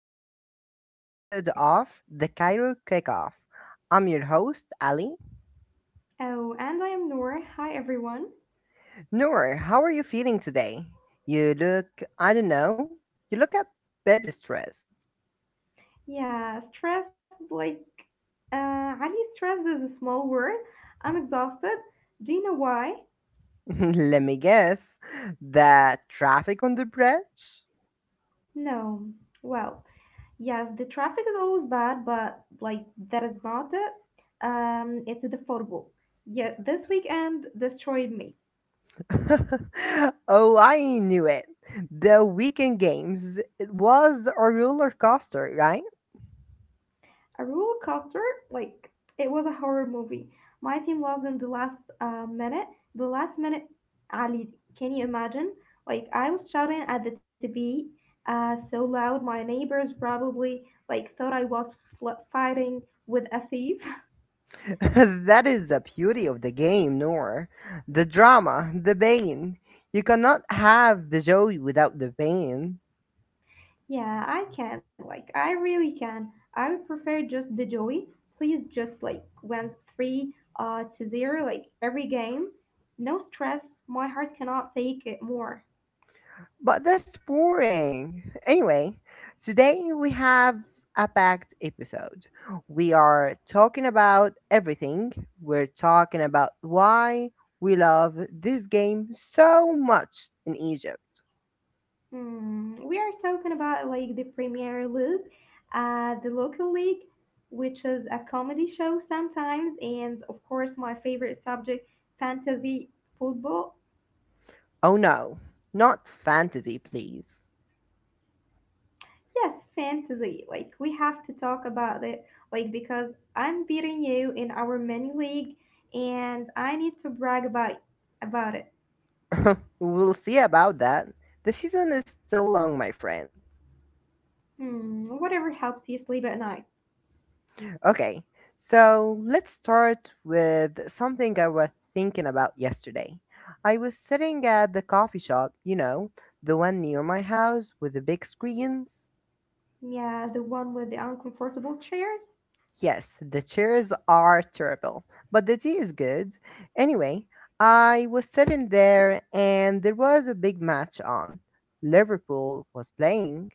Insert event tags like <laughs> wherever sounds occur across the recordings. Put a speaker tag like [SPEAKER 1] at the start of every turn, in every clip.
[SPEAKER 1] to another episode of the Cairo Kickoff. I'm your host, Ali.
[SPEAKER 2] Oh, and I am Noor. Hi, everyone.
[SPEAKER 1] Noor, how are you feeling today? You look, I don't know, you look a bit stressed.
[SPEAKER 2] Yeah, stressed, like, Ali, stressed is a small word. I'm exhausted. Do you know why?
[SPEAKER 1] <laughs> Let me guess. The traffic on the bridge?
[SPEAKER 2] No. Well, yes, the traffic is always bad, but, like, that is not it. It's a defaultable. Yeah, this weekend destroyed me.
[SPEAKER 1] <laughs> Oh, I knew it. The weekend games, it was a roller coaster, right?
[SPEAKER 2] A roller coaster. Like it was a horror movie. My team lost in the last minute. The last minute, Ali. Can you imagine? Like I was shouting at the TV so loud, my neighbors probably like thought I was fighting with a thief.
[SPEAKER 1] <laughs> That is the beauty of the game, Nor. The drama, the pain. You cannot have the joy without the pain.
[SPEAKER 2] <laughs> Yeah, I can. Like I really can. I would prefer just the joy. Please, just like went three to zero, like every game. No stress. My heart cannot take it more.
[SPEAKER 1] But that's boring. Anyway, today we have a packed episode. We are talking about everything. We're talking about why we love this game so much in Egypt.
[SPEAKER 2] Hmm, we are talking about like the Premier League, the local league, which is a comedy show sometimes, and of course my favorite subject, fantasy football.
[SPEAKER 1] Oh no, not fantasy, please.
[SPEAKER 2] Yes, fantasy. Like we have to talk about it, like because I'm beating you in our mini league, and I need to brag about it.
[SPEAKER 1] <laughs> We'll see about that. The season is still long, my friends.
[SPEAKER 2] Hmm, whatever helps you sleep at night.
[SPEAKER 1] Okay, so let's start with something I was thinking about yesterday. I was sitting at the coffee shop, the one near my house with the big screens.
[SPEAKER 2] Yeah, the one with the uncomfortable chairs.
[SPEAKER 1] Yes, the chairs are terrible, but the tea is good. Anyway, I was sitting there and there was a big match on. Liverpool was playing.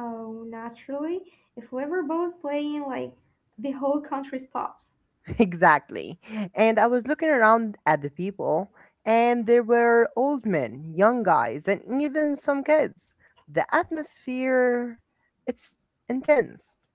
[SPEAKER 2] Oh, naturally. If Liverpool's playing, like, the whole country stops.
[SPEAKER 1] <laughs> Exactly. And I was looking around at the people, and there were old men, young guys, and even some kids. The atmosphere, it's intense.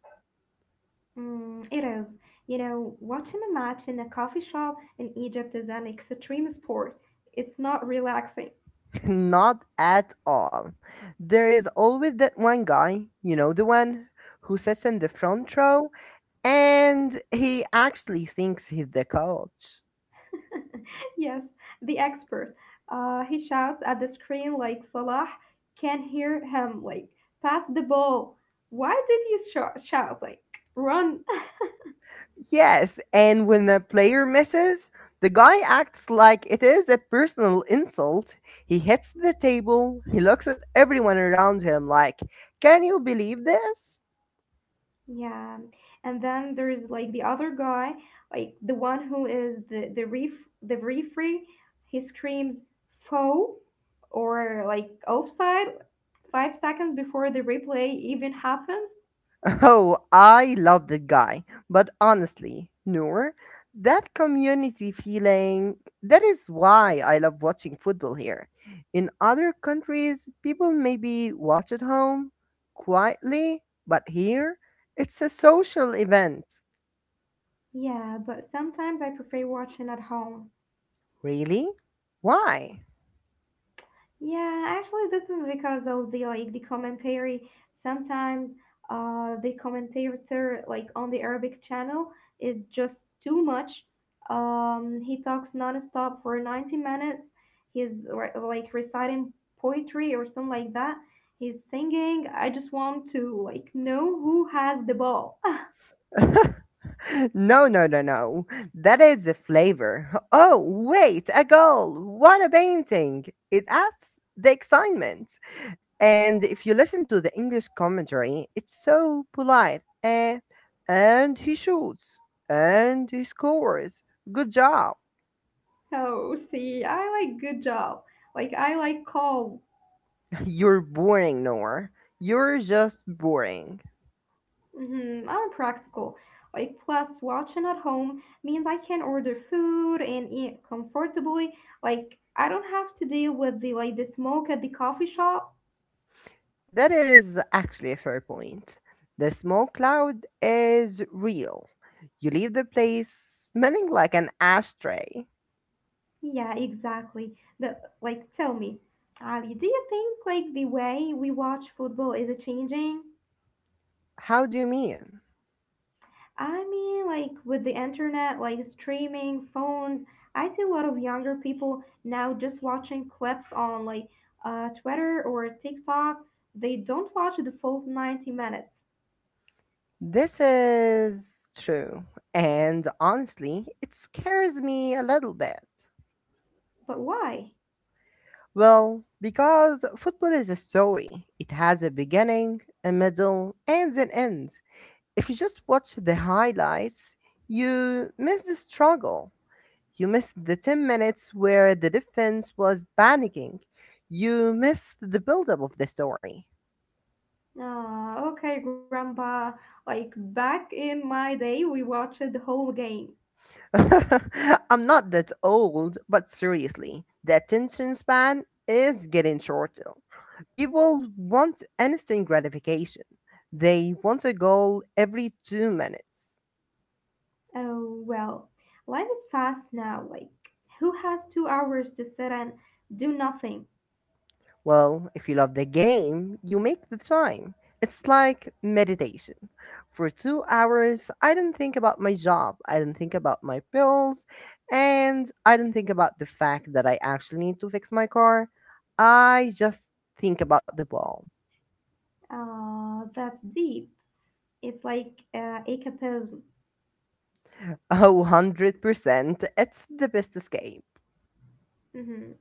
[SPEAKER 2] Mm, it is. You know, watching a match in a coffee shop in Egypt is an extreme sport. It's not relaxing.
[SPEAKER 1] <laughs> Not at all. There is always that one guy, the one who sits in the front row, and he actually thinks he's the coach.
[SPEAKER 2] <laughs> Yes, the expert. He shouts at the screen like Salah can hear him, like, pass the ball. Why did you shout, like, run.
[SPEAKER 1] Yes, and when the player misses, the guy acts like it is a personal insult. He hits the table, he looks at everyone around him like, can you believe this?
[SPEAKER 2] Yeah. And then there's like the other guy, like the one who is the ref the referee, he screams foul or like offside 5 seconds before the replay even happens.
[SPEAKER 1] <laughs> Oh, I love that guy. But honestly, Noor, that community feeling, that is why I love watching football here. In other countries, people maybe watch at home quietly, but here, it's a social event.
[SPEAKER 2] Yeah, but sometimes I prefer watching at home.
[SPEAKER 1] Really? Why? <laughs>
[SPEAKER 2] Yeah, actually, this is because of the commentary. Sometimes, the commentator like on the Arabic channel is just too much. He talks nonstop for 90 minutes. He's reciting poetry or something like that. He's singing. I just want to like know who has the ball. <laughs>
[SPEAKER 1] No, no, no, no. That is the flavor. Oh, wait, a goal. What a painting. It adds the excitement. And if you listen to the English commentary, it's so polite. And he shoots. And he scores. Good job.
[SPEAKER 2] Oh, see, I like good job. Like I like calm.
[SPEAKER 1] <laughs> You're boring, Nor. You're just boring.
[SPEAKER 2] Mhm, I'm practical. Like, plus, watching at home means I can order food and eat comfortably. Like, I don't have to deal with the smoke at the coffee shop.
[SPEAKER 1] That is actually a fair point. The smoke cloud is real. You leave the place smelling like an ashtray.
[SPEAKER 2] Yeah, exactly. The like, tell me, Ali, do you think like the way we watch football is changing?
[SPEAKER 1] How do you mean?
[SPEAKER 2] I mean, like with the internet, like streaming, phones, I see a lot of younger people now just watching clips on like Twitter or TikTok. They don't watch the full 90 minutes.
[SPEAKER 1] This is true. And honestly, it scares me a little bit.
[SPEAKER 2] But why?
[SPEAKER 1] Well, because football is a story, it has a beginning, a middle, and an end. If you just watch the highlights, you miss the struggle. You missed the 10 minutes where the defense was panicking. You missed the buildup of the story.
[SPEAKER 2] Ah, okay, Grandpa. Like back in my day, we watched the whole game.
[SPEAKER 1] <laughs> I'm not that old, but seriously, the attention span is getting shorter. People want instant gratification. They want a goal every 2 minutes.
[SPEAKER 2] Oh, well, life is fast now. Like, who has 2 hours to sit and do nothing?
[SPEAKER 1] Well, if you love the game, you make the time. It's like meditation. For 2 hours, I don't think about my job, I don't think about my bills, and I don't think about the fact that I actually need to fix my car. I just think about the ball. <laughs>
[SPEAKER 2] Ah, that's deep. It's like escapism.
[SPEAKER 1] Oh, 100%, it's the best escape.
[SPEAKER 2] Mm-hmm.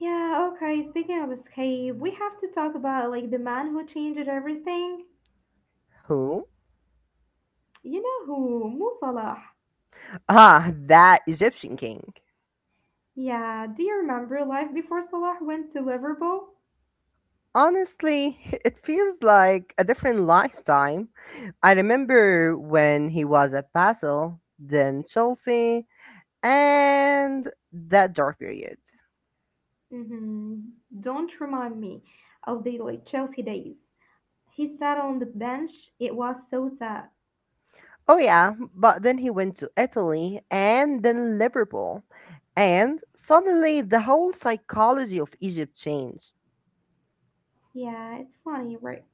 [SPEAKER 2] Yeah, okay. Speaking of escape, we have to talk about like the man who changed everything.
[SPEAKER 1] Who?
[SPEAKER 2] You know who? Mo Salah.
[SPEAKER 1] <laughs> Ah, that Egyptian king.
[SPEAKER 2] Yeah, do you remember life before Salah went to Liverpool?
[SPEAKER 1] Honestly, <laughs> it feels like a different lifetime. I remember when he was at Basel, then Chelsea, and that dark period.
[SPEAKER 2] Mm-hmm. Don't remind me of the like Chelsea days. He sat on the bench. It was so sad.
[SPEAKER 1] Oh, yeah, but then he went to Italy and then Liverpool. And suddenly the whole psychology of Egypt changed.
[SPEAKER 2] Yeah, it's funny, right?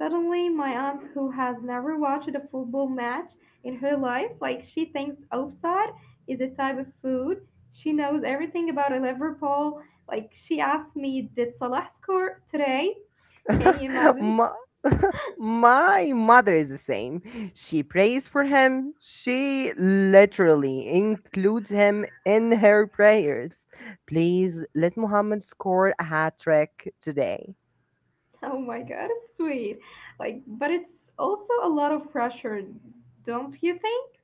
[SPEAKER 2] Suddenly, my aunt, who has never watched a football match in her life, like she thinks offside is a type of food. She knows everything about Liverpool. Like she asked me, did Salah score today? Can
[SPEAKER 1] <laughs>
[SPEAKER 2] you imagine? <laughs>
[SPEAKER 1] My, <laughs> my mother is the same. She prays for him. She literally includes him in her prayers. Please let Muhammad score a hat trick today.
[SPEAKER 2] Oh my god, it's sweet. Like, but it's also a lot of pressure, don't you think?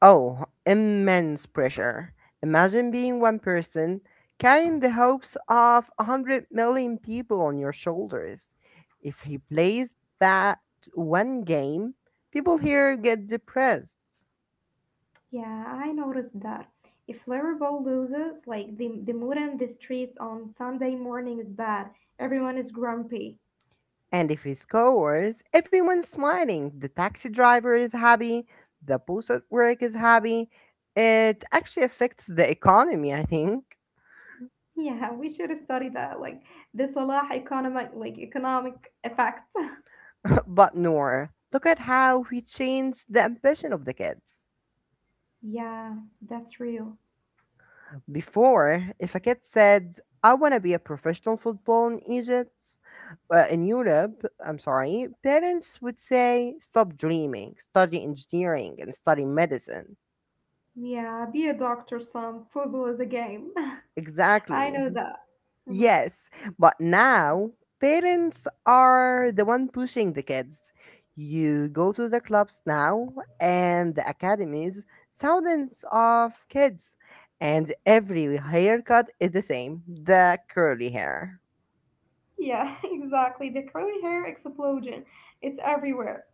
[SPEAKER 1] Oh, immense pressure. Imagine being one person carrying the hopes of 100 million people on your shoulders. If he plays bad one game, people here get depressed.
[SPEAKER 2] Yeah, I noticed that. If Liverpool loses, like the mood in the streets on Sunday morning is bad. Everyone is grumpy.
[SPEAKER 1] And if he scores, everyone's smiling. The taxi driver is happy, the boss at work is happy. It actually affects the economy, I think.
[SPEAKER 2] Yeah, we should study that, like the Salah economic, like economic effect. <laughs>
[SPEAKER 1] <laughs> But Nora, look at how he changed the ambition of the kids.
[SPEAKER 2] Yeah, that's real.
[SPEAKER 1] Before, if a kid said, I want to be a professional football in Egypt, in Europe, I'm sorry, parents would say, stop dreaming, study engineering, and study medicine.
[SPEAKER 2] Yeah, be a doctor, some football is a game. <laughs> I
[SPEAKER 1] Exactly.
[SPEAKER 2] know that. Mhm.
[SPEAKER 1] Yes, but now parents are the one pushing the kids. You go to the clubs now and the academies, thousands of kids, and every haircut is the same, the curly hair.
[SPEAKER 2] Yeah, <laughs> exactly. The curly hair explosion. It's everywhere.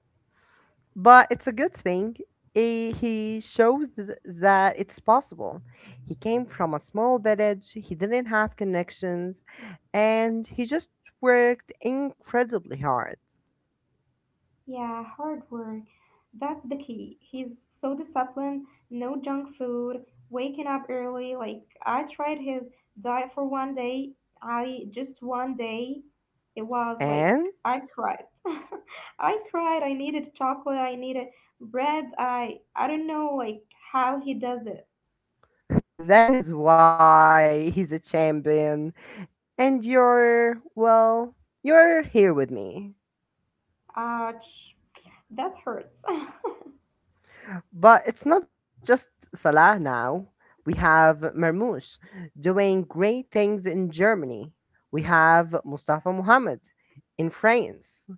[SPEAKER 1] But it's a good thing. He shows that it's possible. He came from a small village. He didn't have connections, and he just worked incredibly hard.
[SPEAKER 2] Yeah, hard work. That's the key. He's so disciplined, no junk food, waking up early. Like, I tried his diet for one day. I just one day, it was like, I
[SPEAKER 1] And
[SPEAKER 2] cried. <laughs> I cried. I needed chocolate. I needed bread. I don't know like how he does it.
[SPEAKER 1] <laughs> that is why he's a champion. And you're, well, you're here with me.
[SPEAKER 2] Ouch, that hurts. <laughs>
[SPEAKER 1] But it's not just Salah now. We have Marmoush doing great things in Germany. We have Mustafa Mohamed in France.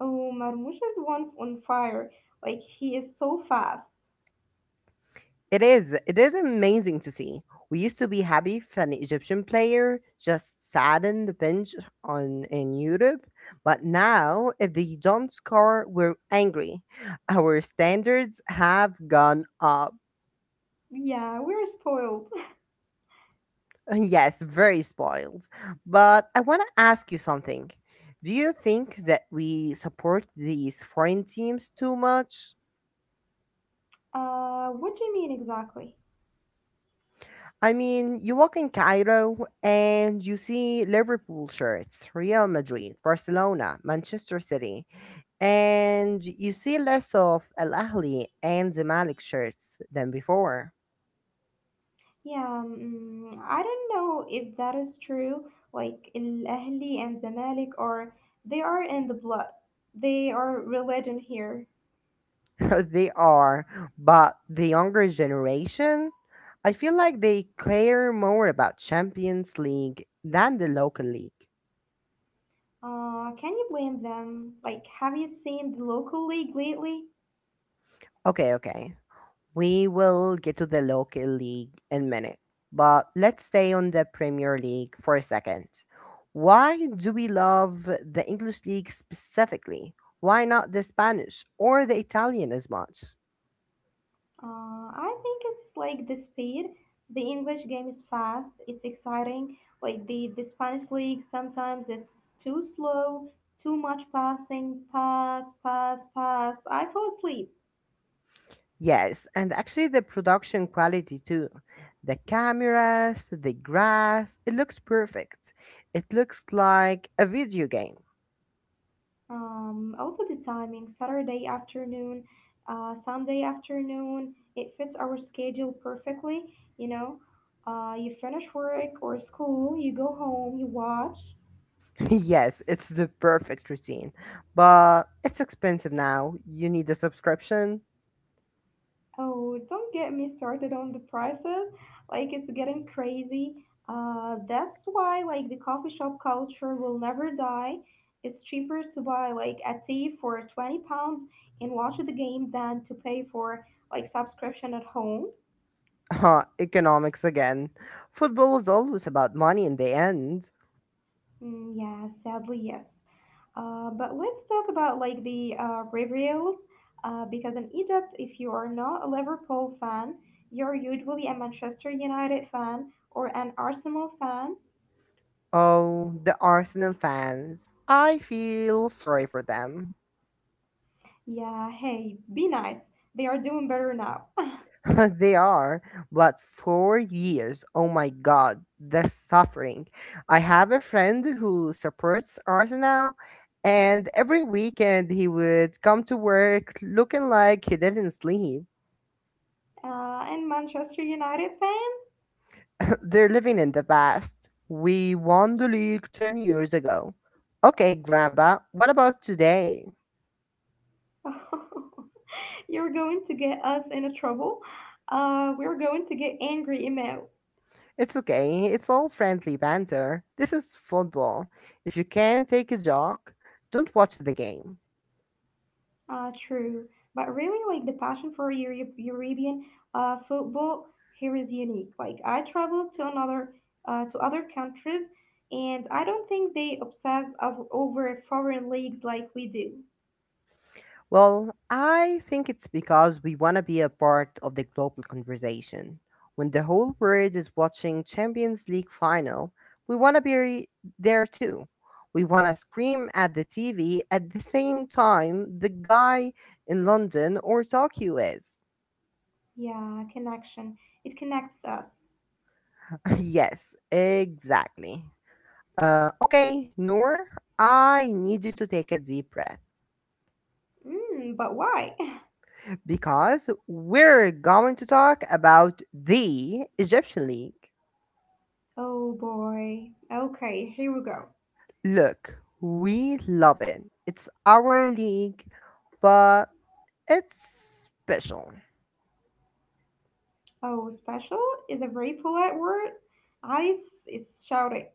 [SPEAKER 2] Oh, Marmoush is one on fire. Like he is so fast.
[SPEAKER 1] It is. It is amazing to see. We used to be happy if an Egyptian player just sat in the bench on in Europe, but now if they don't score, we're angry. Our standards have gone up.
[SPEAKER 2] Yeah, we're spoiled.
[SPEAKER 1] <laughs> Yes, very spoiled. But I want to ask you something. Do you think that we support these foreign teams too much?
[SPEAKER 2] What do you mean exactly?
[SPEAKER 1] I mean, you walk in Cairo and you see Liverpool shirts, Real Madrid, Barcelona, Manchester City, and you see less of Al Ahly and Zamalek shirts than before.
[SPEAKER 2] Yeah, mm, I don't know if that is true. Like Al-Ahli and Zamalek are they are in the blood. They are religion here.
[SPEAKER 1] <laughs> They are, but the younger generation, I feel like they care more about Champions League than the local league.
[SPEAKER 2] Can you blame them? Like, have you seen the local league lately?
[SPEAKER 1] Okay, okay. We will get to the local league in a minute, but let's stay on the Premier League for a second. Why do we love the English league specifically? Why not the Spanish or the Italian as much?
[SPEAKER 2] I think it's like the speed. The English game is fast. It's exciting. Like the Spanish league, sometimes it's too slow, too much passing, pass, pass, pass. I fall asleep.
[SPEAKER 1] Yes, and actually the production quality too. The cameras, the grass, it looks perfect. It looks like a video game.
[SPEAKER 2] Also the timing, Saturday afternoon, Sunday afternoon, it fits our schedule perfectly, you know. You finish work or school, you go home, you watch.
[SPEAKER 1] <laughs> Yes, it's the perfect routine, but it's expensive now. You need a subscription.
[SPEAKER 2] Oh, don't get me started on the prices. Like it's getting crazy. That's why like the coffee shop culture will never die. It's cheaper to buy like a tea for 20 pounds and watch the game than to pay for like subscription at home.
[SPEAKER 1] Huh, economics again. Football is always about money in the end.
[SPEAKER 2] Mm, yeah, sadly, yes. But let's talk about like the reveals, because in Egypt, if you are not a Liverpool fan, you're usually a Manchester United fan or an Arsenal fan.
[SPEAKER 1] Oh, the Arsenal fans. I feel sorry for them.
[SPEAKER 2] Yeah, hey, be nice. They are doing better now. <laughs>
[SPEAKER 1] <laughs> They are, but 4 years. Oh my god, the suffering. I have a friend who supports Arsenal, and every weekend he would come to work looking like he didn't sleep.
[SPEAKER 2] And Manchester United fans,
[SPEAKER 1] <coughs> <laughs> They're living in the past. We won the league 10 years ago. Okay, Grandpa, what about today?
[SPEAKER 2] <laughs> you're going to get us into trouble. We're going to get angry emails.
[SPEAKER 1] It's okay, it's all friendly banter. This is football. If you can't take a joke, don't watch the game.
[SPEAKER 2] True. But really, like the passion for European football here is unique. Like I traveled to another to other countries, and I don't think they obsess over foreign leagues like we do.
[SPEAKER 1] Well, I think it's because we want to be a part of the global conversation. When the whole world is watching Champions League final, we want to be there too. We want to scream at the TV at the same time the guy in London or Tokyo is.
[SPEAKER 2] Yeah, connection. It connects us.
[SPEAKER 1] <laughs> Yes, exactly. Okay, Noor, I need you to take a deep breath
[SPEAKER 2] Mm, but why? <laughs>
[SPEAKER 1] because we're going to talk about the Egyptian League.
[SPEAKER 2] Oh boy. Okay, here we go.
[SPEAKER 1] Look, we love it. It's our league, but it's special.
[SPEAKER 2] Oh, special is a very polite word. I it's shouting.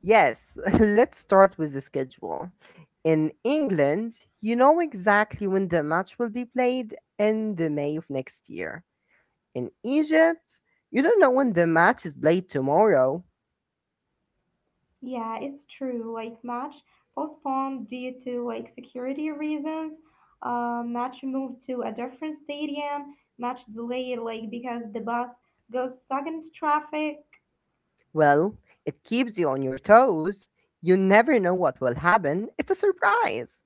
[SPEAKER 1] Yes, <laughs> let's start with the schedule. In England, you know exactly when the match will be played in the May of next year. In Egypt, you don't know when the match is played tomorrow.
[SPEAKER 2] Yeah, it's true. Like match postponed due to like security reasons. Match moved to a different stadium. Match delayed like because the bus goes stuck in traffic.
[SPEAKER 1] Well, it keeps you on your toes. You never know what will happen. It's a surprise.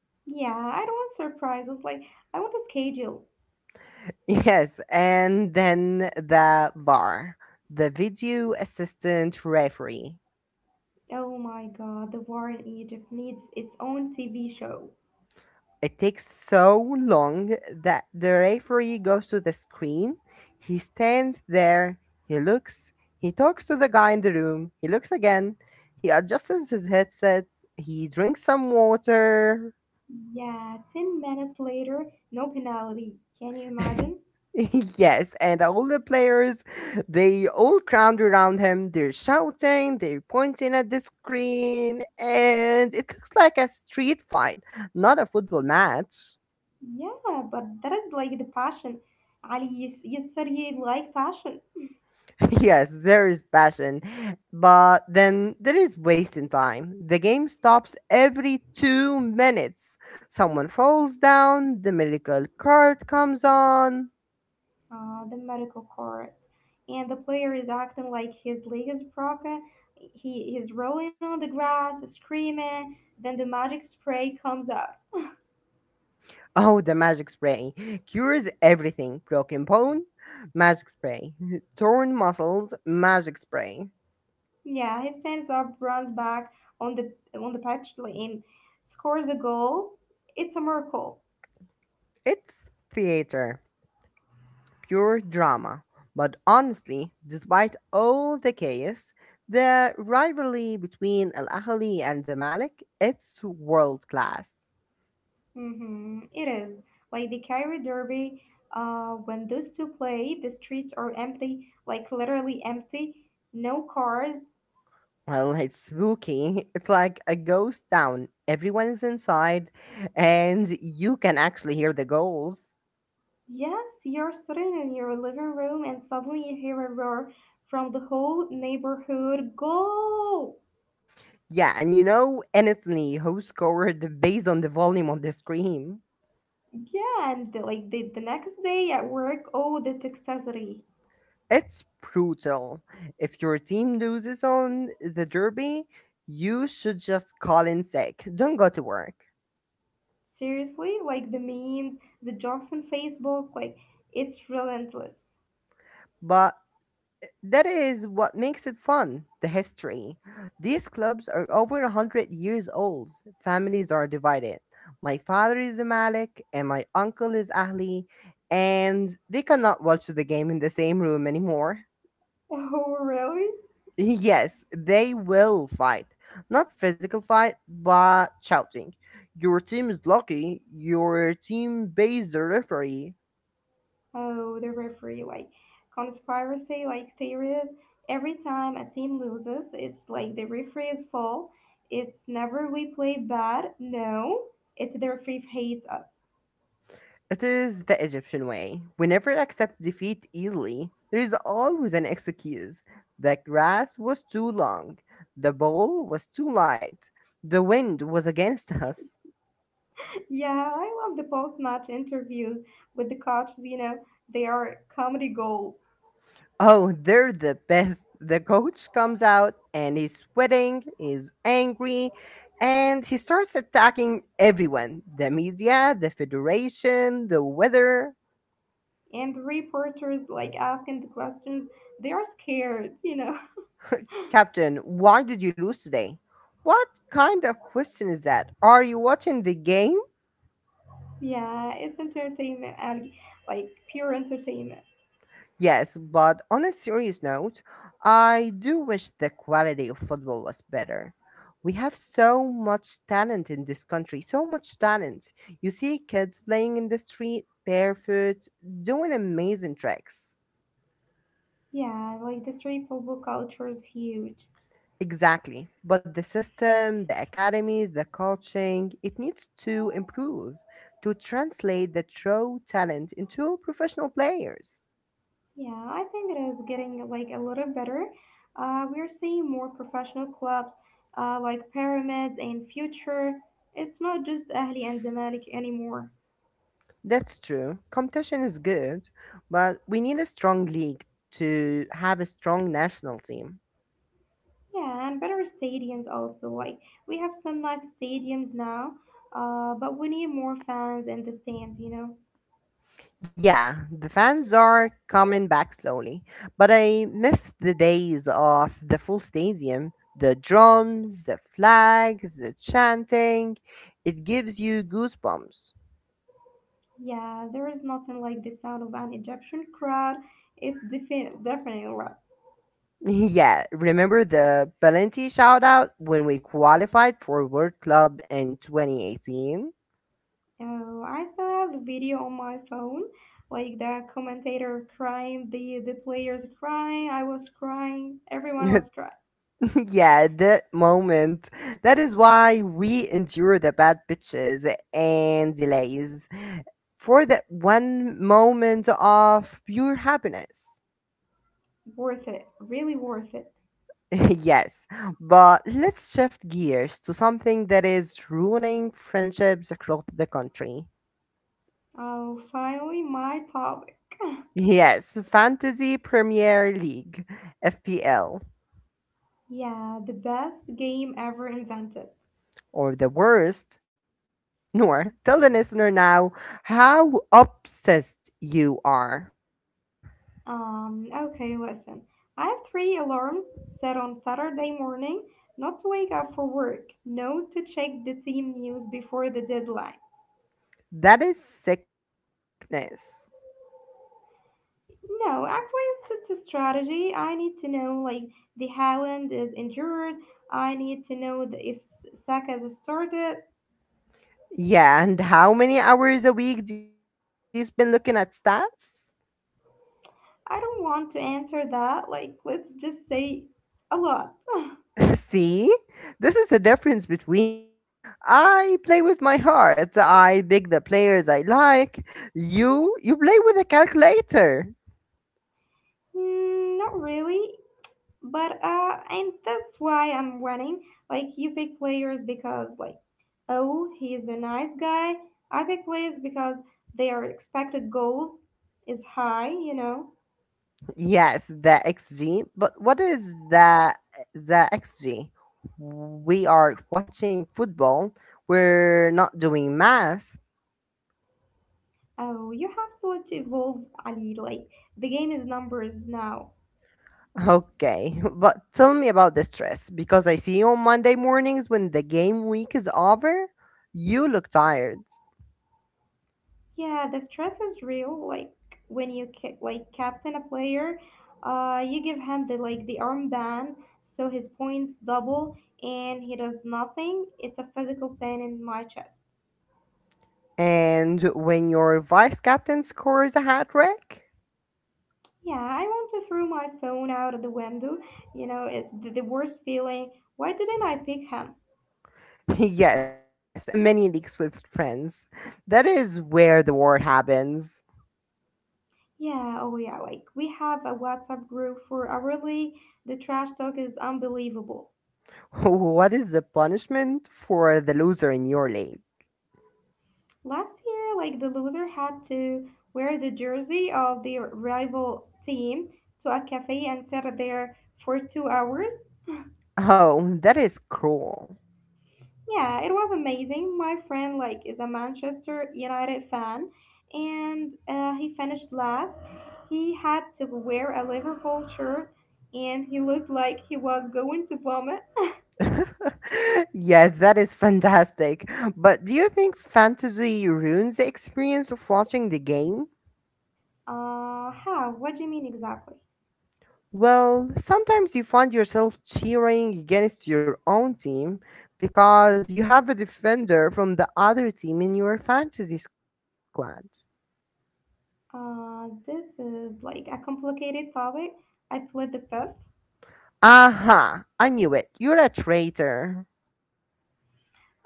[SPEAKER 2] Yeah, I don't want surprises. Like I want a schedule.
[SPEAKER 1] Yes, and then the bar, the video assistant referee.
[SPEAKER 2] Oh my God, the war in Egypt needs its own TV show.
[SPEAKER 1] It takes so long that the referee goes to the screen. He stands there, he looks, he talks to the guy in the room, he looks again, he adjusts his headset, he drinks some water.
[SPEAKER 2] Yeah, 10 minutes later, no penalty. Can you imagine?
[SPEAKER 1] <laughs> Yes, and all the players, they all crowd around him. They're shouting, they're pointing at the screen, and it looks like a street fight, not a football match.
[SPEAKER 2] Yeah, but that is like the passion. Ali, you, you said you like passion.
[SPEAKER 1] <laughs> Yes, there is passion, but then there is wasting time. The game stops every 2 minutes. Someone falls down, the medical card comes on.
[SPEAKER 2] The medical court, and the player is acting like his leg is broken. He's rolling on the grass, screaming. Then the magic spray comes out.
[SPEAKER 1] Oh, the magic spray cures everything. Broken bone, magic spray. <laughs> Torn muscles, magic spray.
[SPEAKER 2] Yeah, he stands up, runs back on the on the pitch and scores a goal. It's a miracle.
[SPEAKER 1] It's theater, pure drama. But honestly, despite all the chaos, the rivalry between Al Ahly and Zamalek, it's world class.
[SPEAKER 2] Hmm, it is like the Cairo Derby. When those two play, the streets are empty, like literally empty. No cars.
[SPEAKER 1] Well, it's spooky. <laughs> It's like a ghost town. Everyone is inside, and you can actually hear the goals.
[SPEAKER 2] Yes, you're sitting in your living room and suddenly you hear a roar from the whole neighborhood. Go!
[SPEAKER 1] Yeah, and you know, honestly, who scored based on the volume on the screen?
[SPEAKER 2] Yeah, and the, like the next day at work, oh, the toxicity.
[SPEAKER 1] It's brutal. If your team loses on the derby, you should just call in sick. Don't go to work.
[SPEAKER 2] Seriously, like the memes, the jokes on Facebook, like it's relentless. <laughs>
[SPEAKER 1] But that is what makes it fun, the history. These clubs are over 100 years old. Families are divided. My father is a Malik, and my uncle is Ahli, and they cannot watch the game in the same room anymore.
[SPEAKER 2] Oh, really?
[SPEAKER 1] Yes, they will fight. Not physical fight, but shouting. Your team is lucky. Your team pays the referee.
[SPEAKER 2] Oh, the referee, like conspiracy, like theories. Every time a team loses, it's like the referee's fault. It's never we play bad. No, it's the referee hates us.
[SPEAKER 1] It is the Egyptian way. We never accept defeat easily. There is always an excuse. The grass was too long. The ball was too light. The wind was against us.
[SPEAKER 2] <laughs> Yeah, I love the post-match interviews with the coaches. You know, they are comedy gold,
[SPEAKER 1] Oh, they're the best. The coach comes out and he's sweating, he's angry, and he starts attacking everyone, the media, the federation, the weather.
[SPEAKER 2] and the reporters like asking the questions. They are scared. You know. <laughs>
[SPEAKER 1] <laughs> Captain, why did you lose today? What kind of question is that? Are you watching the game?
[SPEAKER 2] Yeah, it's entertainment, and like pure entertainment.
[SPEAKER 1] Yes, but on a serious note, I do wish the quality of football was better. We have so much talent in this country, so much talent. You see kids playing in the street, barefoot, doing amazing tricks.
[SPEAKER 2] Yeah, like the street football culture is huge.
[SPEAKER 1] Exactly. But the system, the academy, the coaching, it needs to improve to translate the true talent into professional players.
[SPEAKER 2] Yeah, I think it is getting like a little better. We're seeing more professional clubs like Pyramids and Future. It's not just Ahli and Zamalek anymore.
[SPEAKER 1] That's true. Competition is good, but we need a strong league to have a strong national team.
[SPEAKER 2] Yeah, and better stadiums also. Like we have some nice stadiums now, but we need more fans in the stands. You know.
[SPEAKER 1] Yeah, the fans are coming back slowly, but I miss the days of the full stadium, the drums, the flags, the chanting. It gives you goosebumps. <laughs>
[SPEAKER 2] Yeah, there is nothing like the sound of an Egyptian crowd. It's definitely right.
[SPEAKER 1] Yeah, remember the Valenti shout out when we qualified for World Club in 2018?
[SPEAKER 2] Oh, I still have the video on my phone, like the commentator crying, the players crying, I was crying, everyone was
[SPEAKER 1] <laughs>
[SPEAKER 2] crying.
[SPEAKER 1] <laughs> yeah, that moment. That is why we endure the bad pitches and delays for that one moment of pure happiness.
[SPEAKER 2] Worth it, really worth it.
[SPEAKER 1] <laughs> yes, but let's shift gears to something that is ruining friendships across the country.
[SPEAKER 2] Oh, finally my topic.
[SPEAKER 1] Yes, Fantasy Premier League, FPL,
[SPEAKER 2] Yeah, the best game ever invented.
[SPEAKER 1] or the worst. Nor, tell the listener now how obsessed you are.
[SPEAKER 2] Okay, listen. I have 3 alarms set on Saturday morning, not to wake up for work, no to check the team news before the deadline.
[SPEAKER 1] That is sickness.
[SPEAKER 2] No, actually, it's just a strategy. I need to know like the Haaland is injured. I need to know the, if Saka has started.
[SPEAKER 1] Yeah, and how many hours a week do you spend looking at stats?
[SPEAKER 2] I don't want to answer that. Like, let's just say a lot. <laughs> <sighs>
[SPEAKER 1] <laughs> See? This is the difference between us. I play with my heart. I pick the players I like. You play with a calculator.
[SPEAKER 2] Mm, not really, but and that's why I'm winning. Like, you pick players because like, oh, he's a nice guy. I pick players because their expected goals is high. You know.
[SPEAKER 1] Yes, the XG, but what is the XG? We are watching football. We're not doing math.
[SPEAKER 2] Oh, you have to let it evolve, Ali. Like, the game is numbers now.
[SPEAKER 1] Okay, <laughs> but tell me about the stress because I see on Monday mornings when the game week is over, you look tired.
[SPEAKER 2] Yeah, the stress is real. Like, when you captain a player, you give him the like the armband, so his points double, and he does nothing. It's a physical pain in my chest.
[SPEAKER 1] And when your vice captain scores a hat trick,
[SPEAKER 2] Yeah, I want to throw my phone out of the window. You know, it's the worst feeling. Why didn't I pick him?
[SPEAKER 1] <laughs> yes, and the many leaks with friends, that is where the war happens. <laughs>
[SPEAKER 2] Yeah, oh yeah, like we have a WhatsApp group for our league. The trash talk is unbelievable.
[SPEAKER 1] What is the punishment for the loser in your league?
[SPEAKER 2] Last year, like the loser had to wear the jersey of their rival team to a cafe and sit there for 2 hours.
[SPEAKER 1] Oh, that is cruel.
[SPEAKER 2] Yeah, it was amazing. My friend like is a Manchester United fan, and he finished last. He had to wear a Liverpool shirt, and he looked like he was going to vomit.
[SPEAKER 1] <laughs> yes, that is fantastic. But do you think fantasy ruins the experience of watching the game?
[SPEAKER 2] How? What do you mean exactly?
[SPEAKER 1] Well, sometimes you find yourself cheering against your own team because you have a defender from the other team in your fantasy squad.
[SPEAKER 2] This is like a complicated topic. I played the fifth.
[SPEAKER 1] Aha, I knew it. You're a traitor.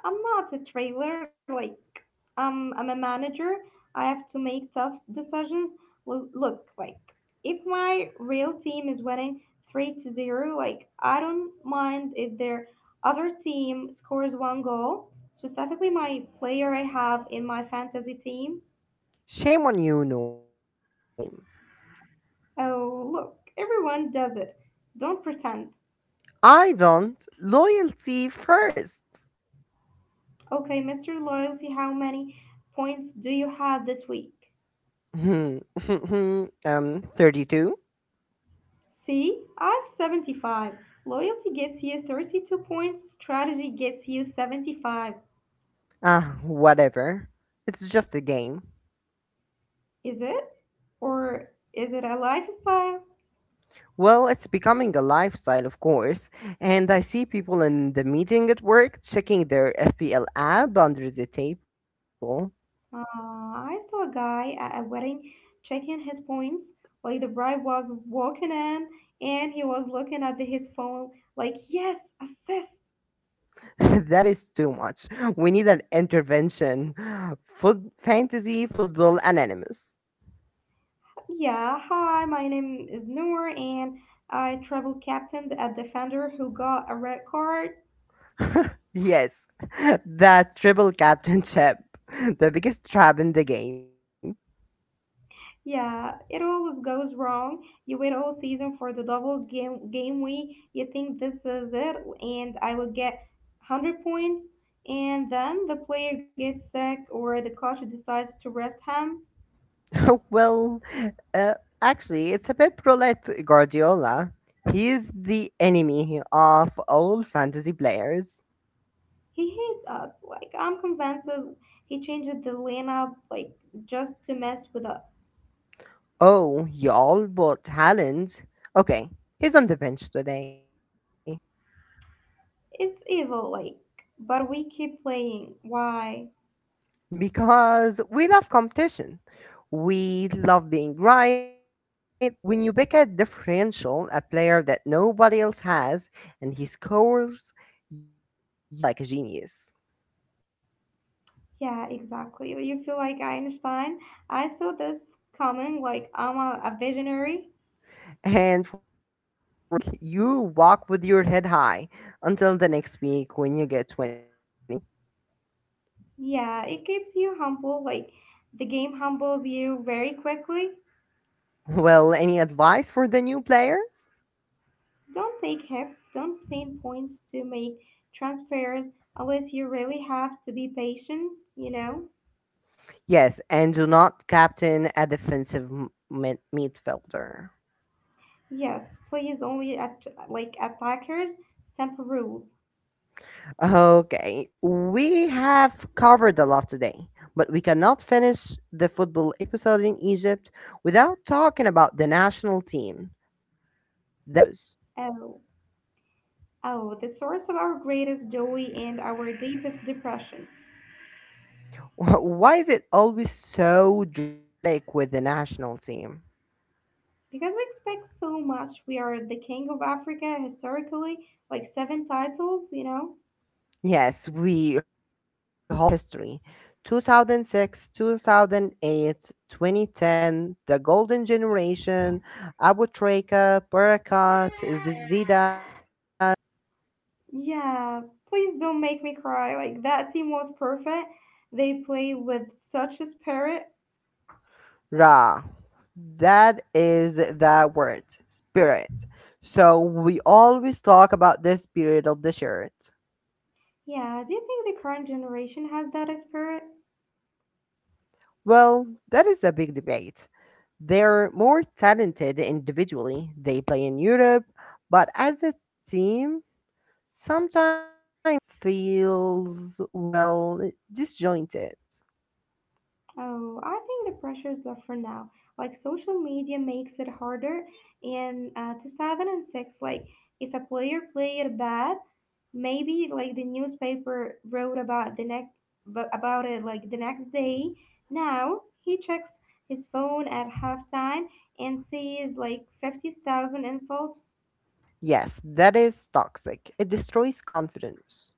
[SPEAKER 2] I'm not a trailer, like, I'm a manager. I have to make tough decisions. Look, like, if my real team is winning 3 to 0, like, I don't mind if their other team scores one goal, specifically my player I have in my fantasy team.
[SPEAKER 1] Shame on you, Noor. Shame.
[SPEAKER 2] Oh, look, everyone does it. Don't pretend.
[SPEAKER 1] I don't. Loyalty first.
[SPEAKER 2] Okay, Mr. Loyalty, how many points do you have this week?
[SPEAKER 1] <laughs> 32.
[SPEAKER 2] See, I've 75. Loyalty gets you 32 points, strategy gets you 75.
[SPEAKER 1] Ah, whatever. It's just a game.
[SPEAKER 2] Is it? Or is it a lifestyle?
[SPEAKER 1] Well, it's becoming a lifestyle, of course, and I see people in the meeting at work checking their FPL app under the table.
[SPEAKER 2] I saw a guy at a wedding checking his points. Like the bride was walking in and he was looking at his phone, like, yes, assist.
[SPEAKER 1] <laughs> that is too much. We need an intervention. Foot- Fantasy Football Anonymous.
[SPEAKER 2] Yeah, hi, my name is Noor and I travel captained a defender who got a red card.
[SPEAKER 1] Yes, <laughs> that triple captainship, <laughs> the biggest trap in the game.
[SPEAKER 2] Yeah, it always goes wrong. You wait all season for the double game week. You think this is it, and I will get 100 points. And then the player gets sick, or the coach decides to rest him.
[SPEAKER 1] <laughs> Well, uh, actually, it's a bit Prolet Guardiola. He's the enemy of all fantasy players.
[SPEAKER 2] He hates us. Like I'm convinced he changed the lineup like just to mess with us.
[SPEAKER 1] Oh, y'all bought Haaland. Okay, he's on the bench today
[SPEAKER 2] It's evil, like, but we keep playing. Why?
[SPEAKER 1] because we love competition. We love being right. And when you pick a differential, a player that nobody else has, and he scores, you feel like a genius.
[SPEAKER 2] Yeah, exactly. You feel like Einstein. I saw this coming like I'm a visionary.
[SPEAKER 1] And for the rest of the week, you walk with your head high until the next week when you get 20 points.
[SPEAKER 2] Yeah, it keeps you humble. Like the game humbles you very quickly.
[SPEAKER 1] Well, any advice for the new players?
[SPEAKER 2] Don't take hits, don't spend points to make transfers unless you really have to be patient, you know?
[SPEAKER 1] Yes, and do not captain a defensive m- mid- midfielder.
[SPEAKER 2] Yes, please only at like attackers, simple rules.
[SPEAKER 1] Okay, we have covered a lot today, but we cannot finish the football episode in Egypt without talking about the national team, the Pharaohs.
[SPEAKER 2] Oh, oh, the source of our greatest joy and our deepest depression.
[SPEAKER 1] <laughs> Why is it always so dramatic with the national team?
[SPEAKER 2] Because we expect so much, we are the king of Africa historically, like seven titles, you know?
[SPEAKER 1] Yes, we hold into that history. 2006, thousand six, 2008, 2010, the golden generation, Abu Trika, Barakat, Zidane,
[SPEAKER 2] Yeah, please don't make me cry. Like, that team was perfect. They played with such a spirit.
[SPEAKER 1] Ra. That is the word, spirit. So we always talk about the spirit of the shirt.
[SPEAKER 2] Yeah, do you think the current generation has that spirit?
[SPEAKER 1] Well, that is a big debate. They're more talented individually. They play in Europe, but as a team, sometimes it feels, well, disjointed.
[SPEAKER 2] Oh, I think the pressure is different now. Like, social media makes it harder. In 2006, like, if a player played bad, maybe like the newspaper wrote about the next about it like the next day. Now he checks his phone at halftime and sees like 50,000 insults.
[SPEAKER 1] Yes, that is toxic. It destroys confidence.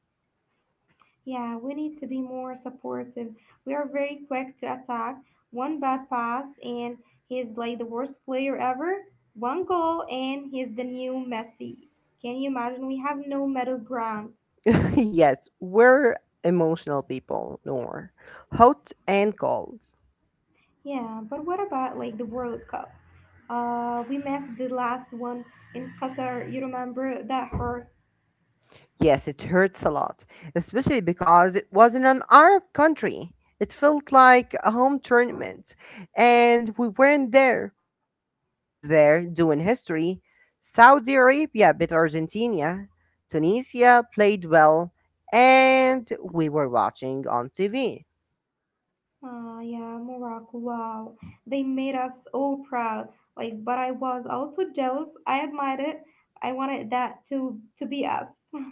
[SPEAKER 2] Yeah, we need to be more supportive. We are very quick to attack. One bad pass and he's like the worst player ever. One goal and he's the new Messi. Can you imagine? We have no middle ground.
[SPEAKER 1] <laughs> yes, we're emotional people, Nor. Hot and cold.
[SPEAKER 2] Yeah, but what about like the World Cup? We missed the last one in Qatar. You remember that hurt?
[SPEAKER 1] Yes, it hurts a lot, especially because it was in an Arab country. It felt like a home tournament, and we weren't there. Morocco was there doing history. Saudi Arabia beat Argentina. Tunisia played well, and we were watching on TV.
[SPEAKER 2] Ah, yeah, Morocco. Wow, they made us all proud. Like, but I was also jealous. I admired it. I wanted that to be us. <laughs>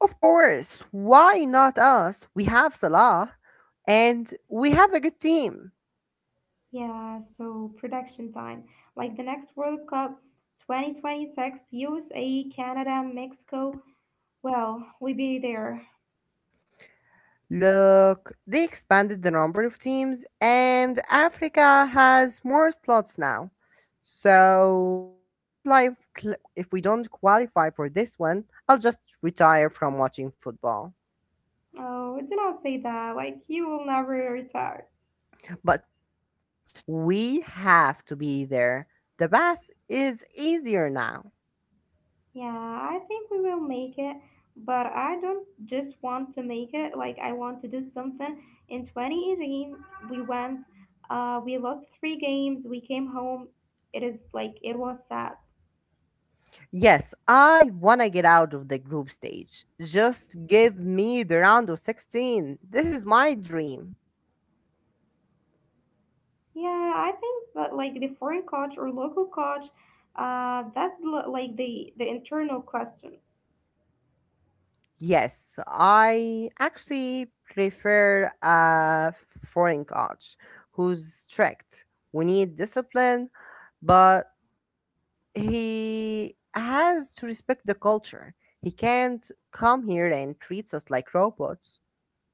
[SPEAKER 1] Of course, why not us? We have Salah, and we have a good team.
[SPEAKER 2] Yeah, so production time. Like the next World Cup, 2026, USA, Canada, Mexico. Well, we be there.
[SPEAKER 1] Look, they expanded the number of teams, and Africa has more slots now. So if we don't quali- cl- if we don't qualify for this one, I'll just retire from watching football.
[SPEAKER 2] Oh, do not say that. Like, you will never retire.
[SPEAKER 1] But seriously, we have to be there. The pass is easier now.
[SPEAKER 2] Yeah, I think we will make it, but I don't just want to make it. Like, I want to do something. In 2018, we went, we lost three games, we came home. It is like, it was sad.
[SPEAKER 1] Yes, I want to get out of the group stage. Just give me the round of 16. This is my dream.
[SPEAKER 2] Yeah, I think that, like, the foreign coach or local coach, that's like the internal question.
[SPEAKER 1] Yes, I actually prefer a foreign coach who's strict. We need discipline, but he has to respect the culture. He can't come here and treats us like robots.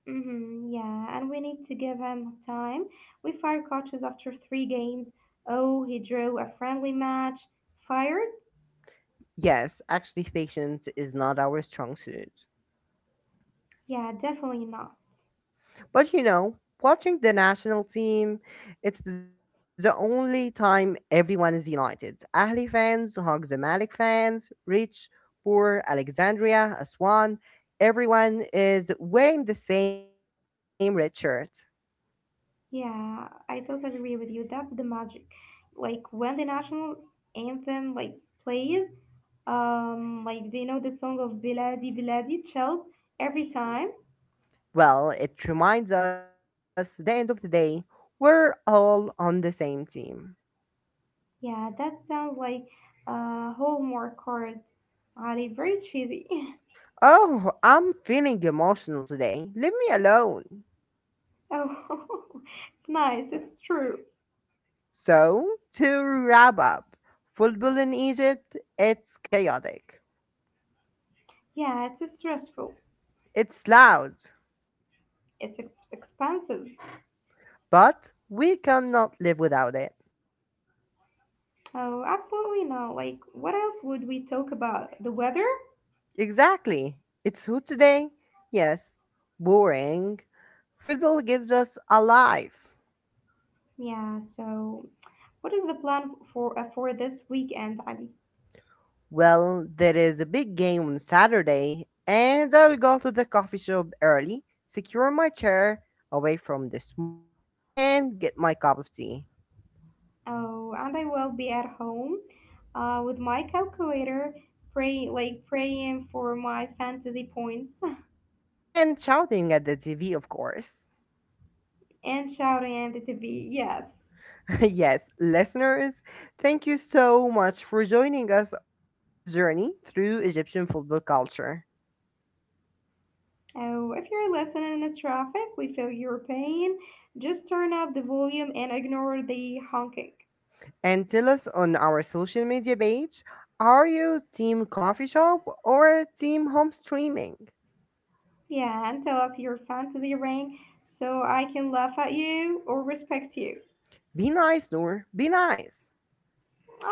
[SPEAKER 2] Mm-hmm, yeah, and we need to give him time. We fire coaches after three games. Oh, he drew a friendly match. Fired?
[SPEAKER 1] Yes, actually, <laughs> patience is not our strong suit.
[SPEAKER 2] Yeah, definitely not.
[SPEAKER 1] But you know, watching the national team, it's the only time everyone is united. Ahli fans hug Zamalek fans, rich, poor, Alexandria, Aswan. Everyone is wearing the same red shirt.
[SPEAKER 2] Yeah, I totally agree with you. That's the magic. Like when the national anthem like plays, like they know the song of Biladi Biladi. Chills every time.
[SPEAKER 1] Well, it reminds us that at the end of the day, we're all on the same team.
[SPEAKER 2] Yeah, that sounds like a homework card. Ali, very cheesy. <laughs>
[SPEAKER 1] Oh, I'm feeling emotional today. Leave me alone.
[SPEAKER 2] Oh, <laughs> it's nice. It's true.
[SPEAKER 1] So, to wrap up, football in Egypt, it's chaotic.
[SPEAKER 2] Yeah, it's just stressful.
[SPEAKER 1] It's loud,
[SPEAKER 2] It's expensive.
[SPEAKER 1] but we cannot live without it.
[SPEAKER 2] Oh, absolutely not. Like, what else would we talk about? The weather?
[SPEAKER 1] Exactly. It's who today? Yes, boring. Football gives us a life.
[SPEAKER 2] Yeah, so what is the plan for this weekend, Ali?
[SPEAKER 1] Well, there is a big game on Saturday, and I'll go to the coffee shop early, secure my chair away from the smoke, and get my cup of tea.
[SPEAKER 2] Oh, and I will be at home with my calculator, praying for my fantasy points.
[SPEAKER 1] And shouting at the TV, of course.
[SPEAKER 2] <laughs> And shouting at the TV. Yes.
[SPEAKER 1] <laughs> Yes, listeners, thank you so much for joining us on this journey through Egyptian football culture.
[SPEAKER 2] Oh, if you're listening in the traffic, we feel your pain. Just turn up the volume and ignore the honking.
[SPEAKER 1] And tell us on our social media page, are you team coffee shop or team home streaming?
[SPEAKER 2] Yeah, and tell us your fantasy rank so I can laugh at you or respect you.
[SPEAKER 1] Be nice, Noor, be nice.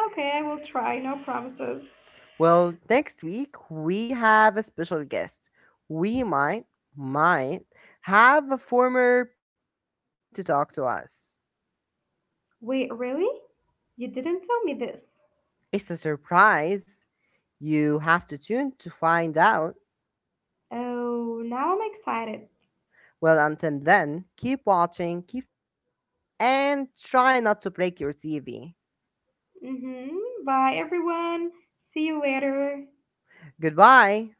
[SPEAKER 2] Okay, I will try. No promises.
[SPEAKER 1] Well, next week we have a special guest. We might have a former player coming to talk to us.
[SPEAKER 2] Wait, really? You didn't tell me this.
[SPEAKER 1] It's a surprise. You have to tune to find out.
[SPEAKER 2] Oh, now I'm excited.
[SPEAKER 1] Well, until then, keep watching, keep cheering, and try not to break your TV.
[SPEAKER 2] Hmm. Bye, everyone. See you later.
[SPEAKER 1] Goodbye.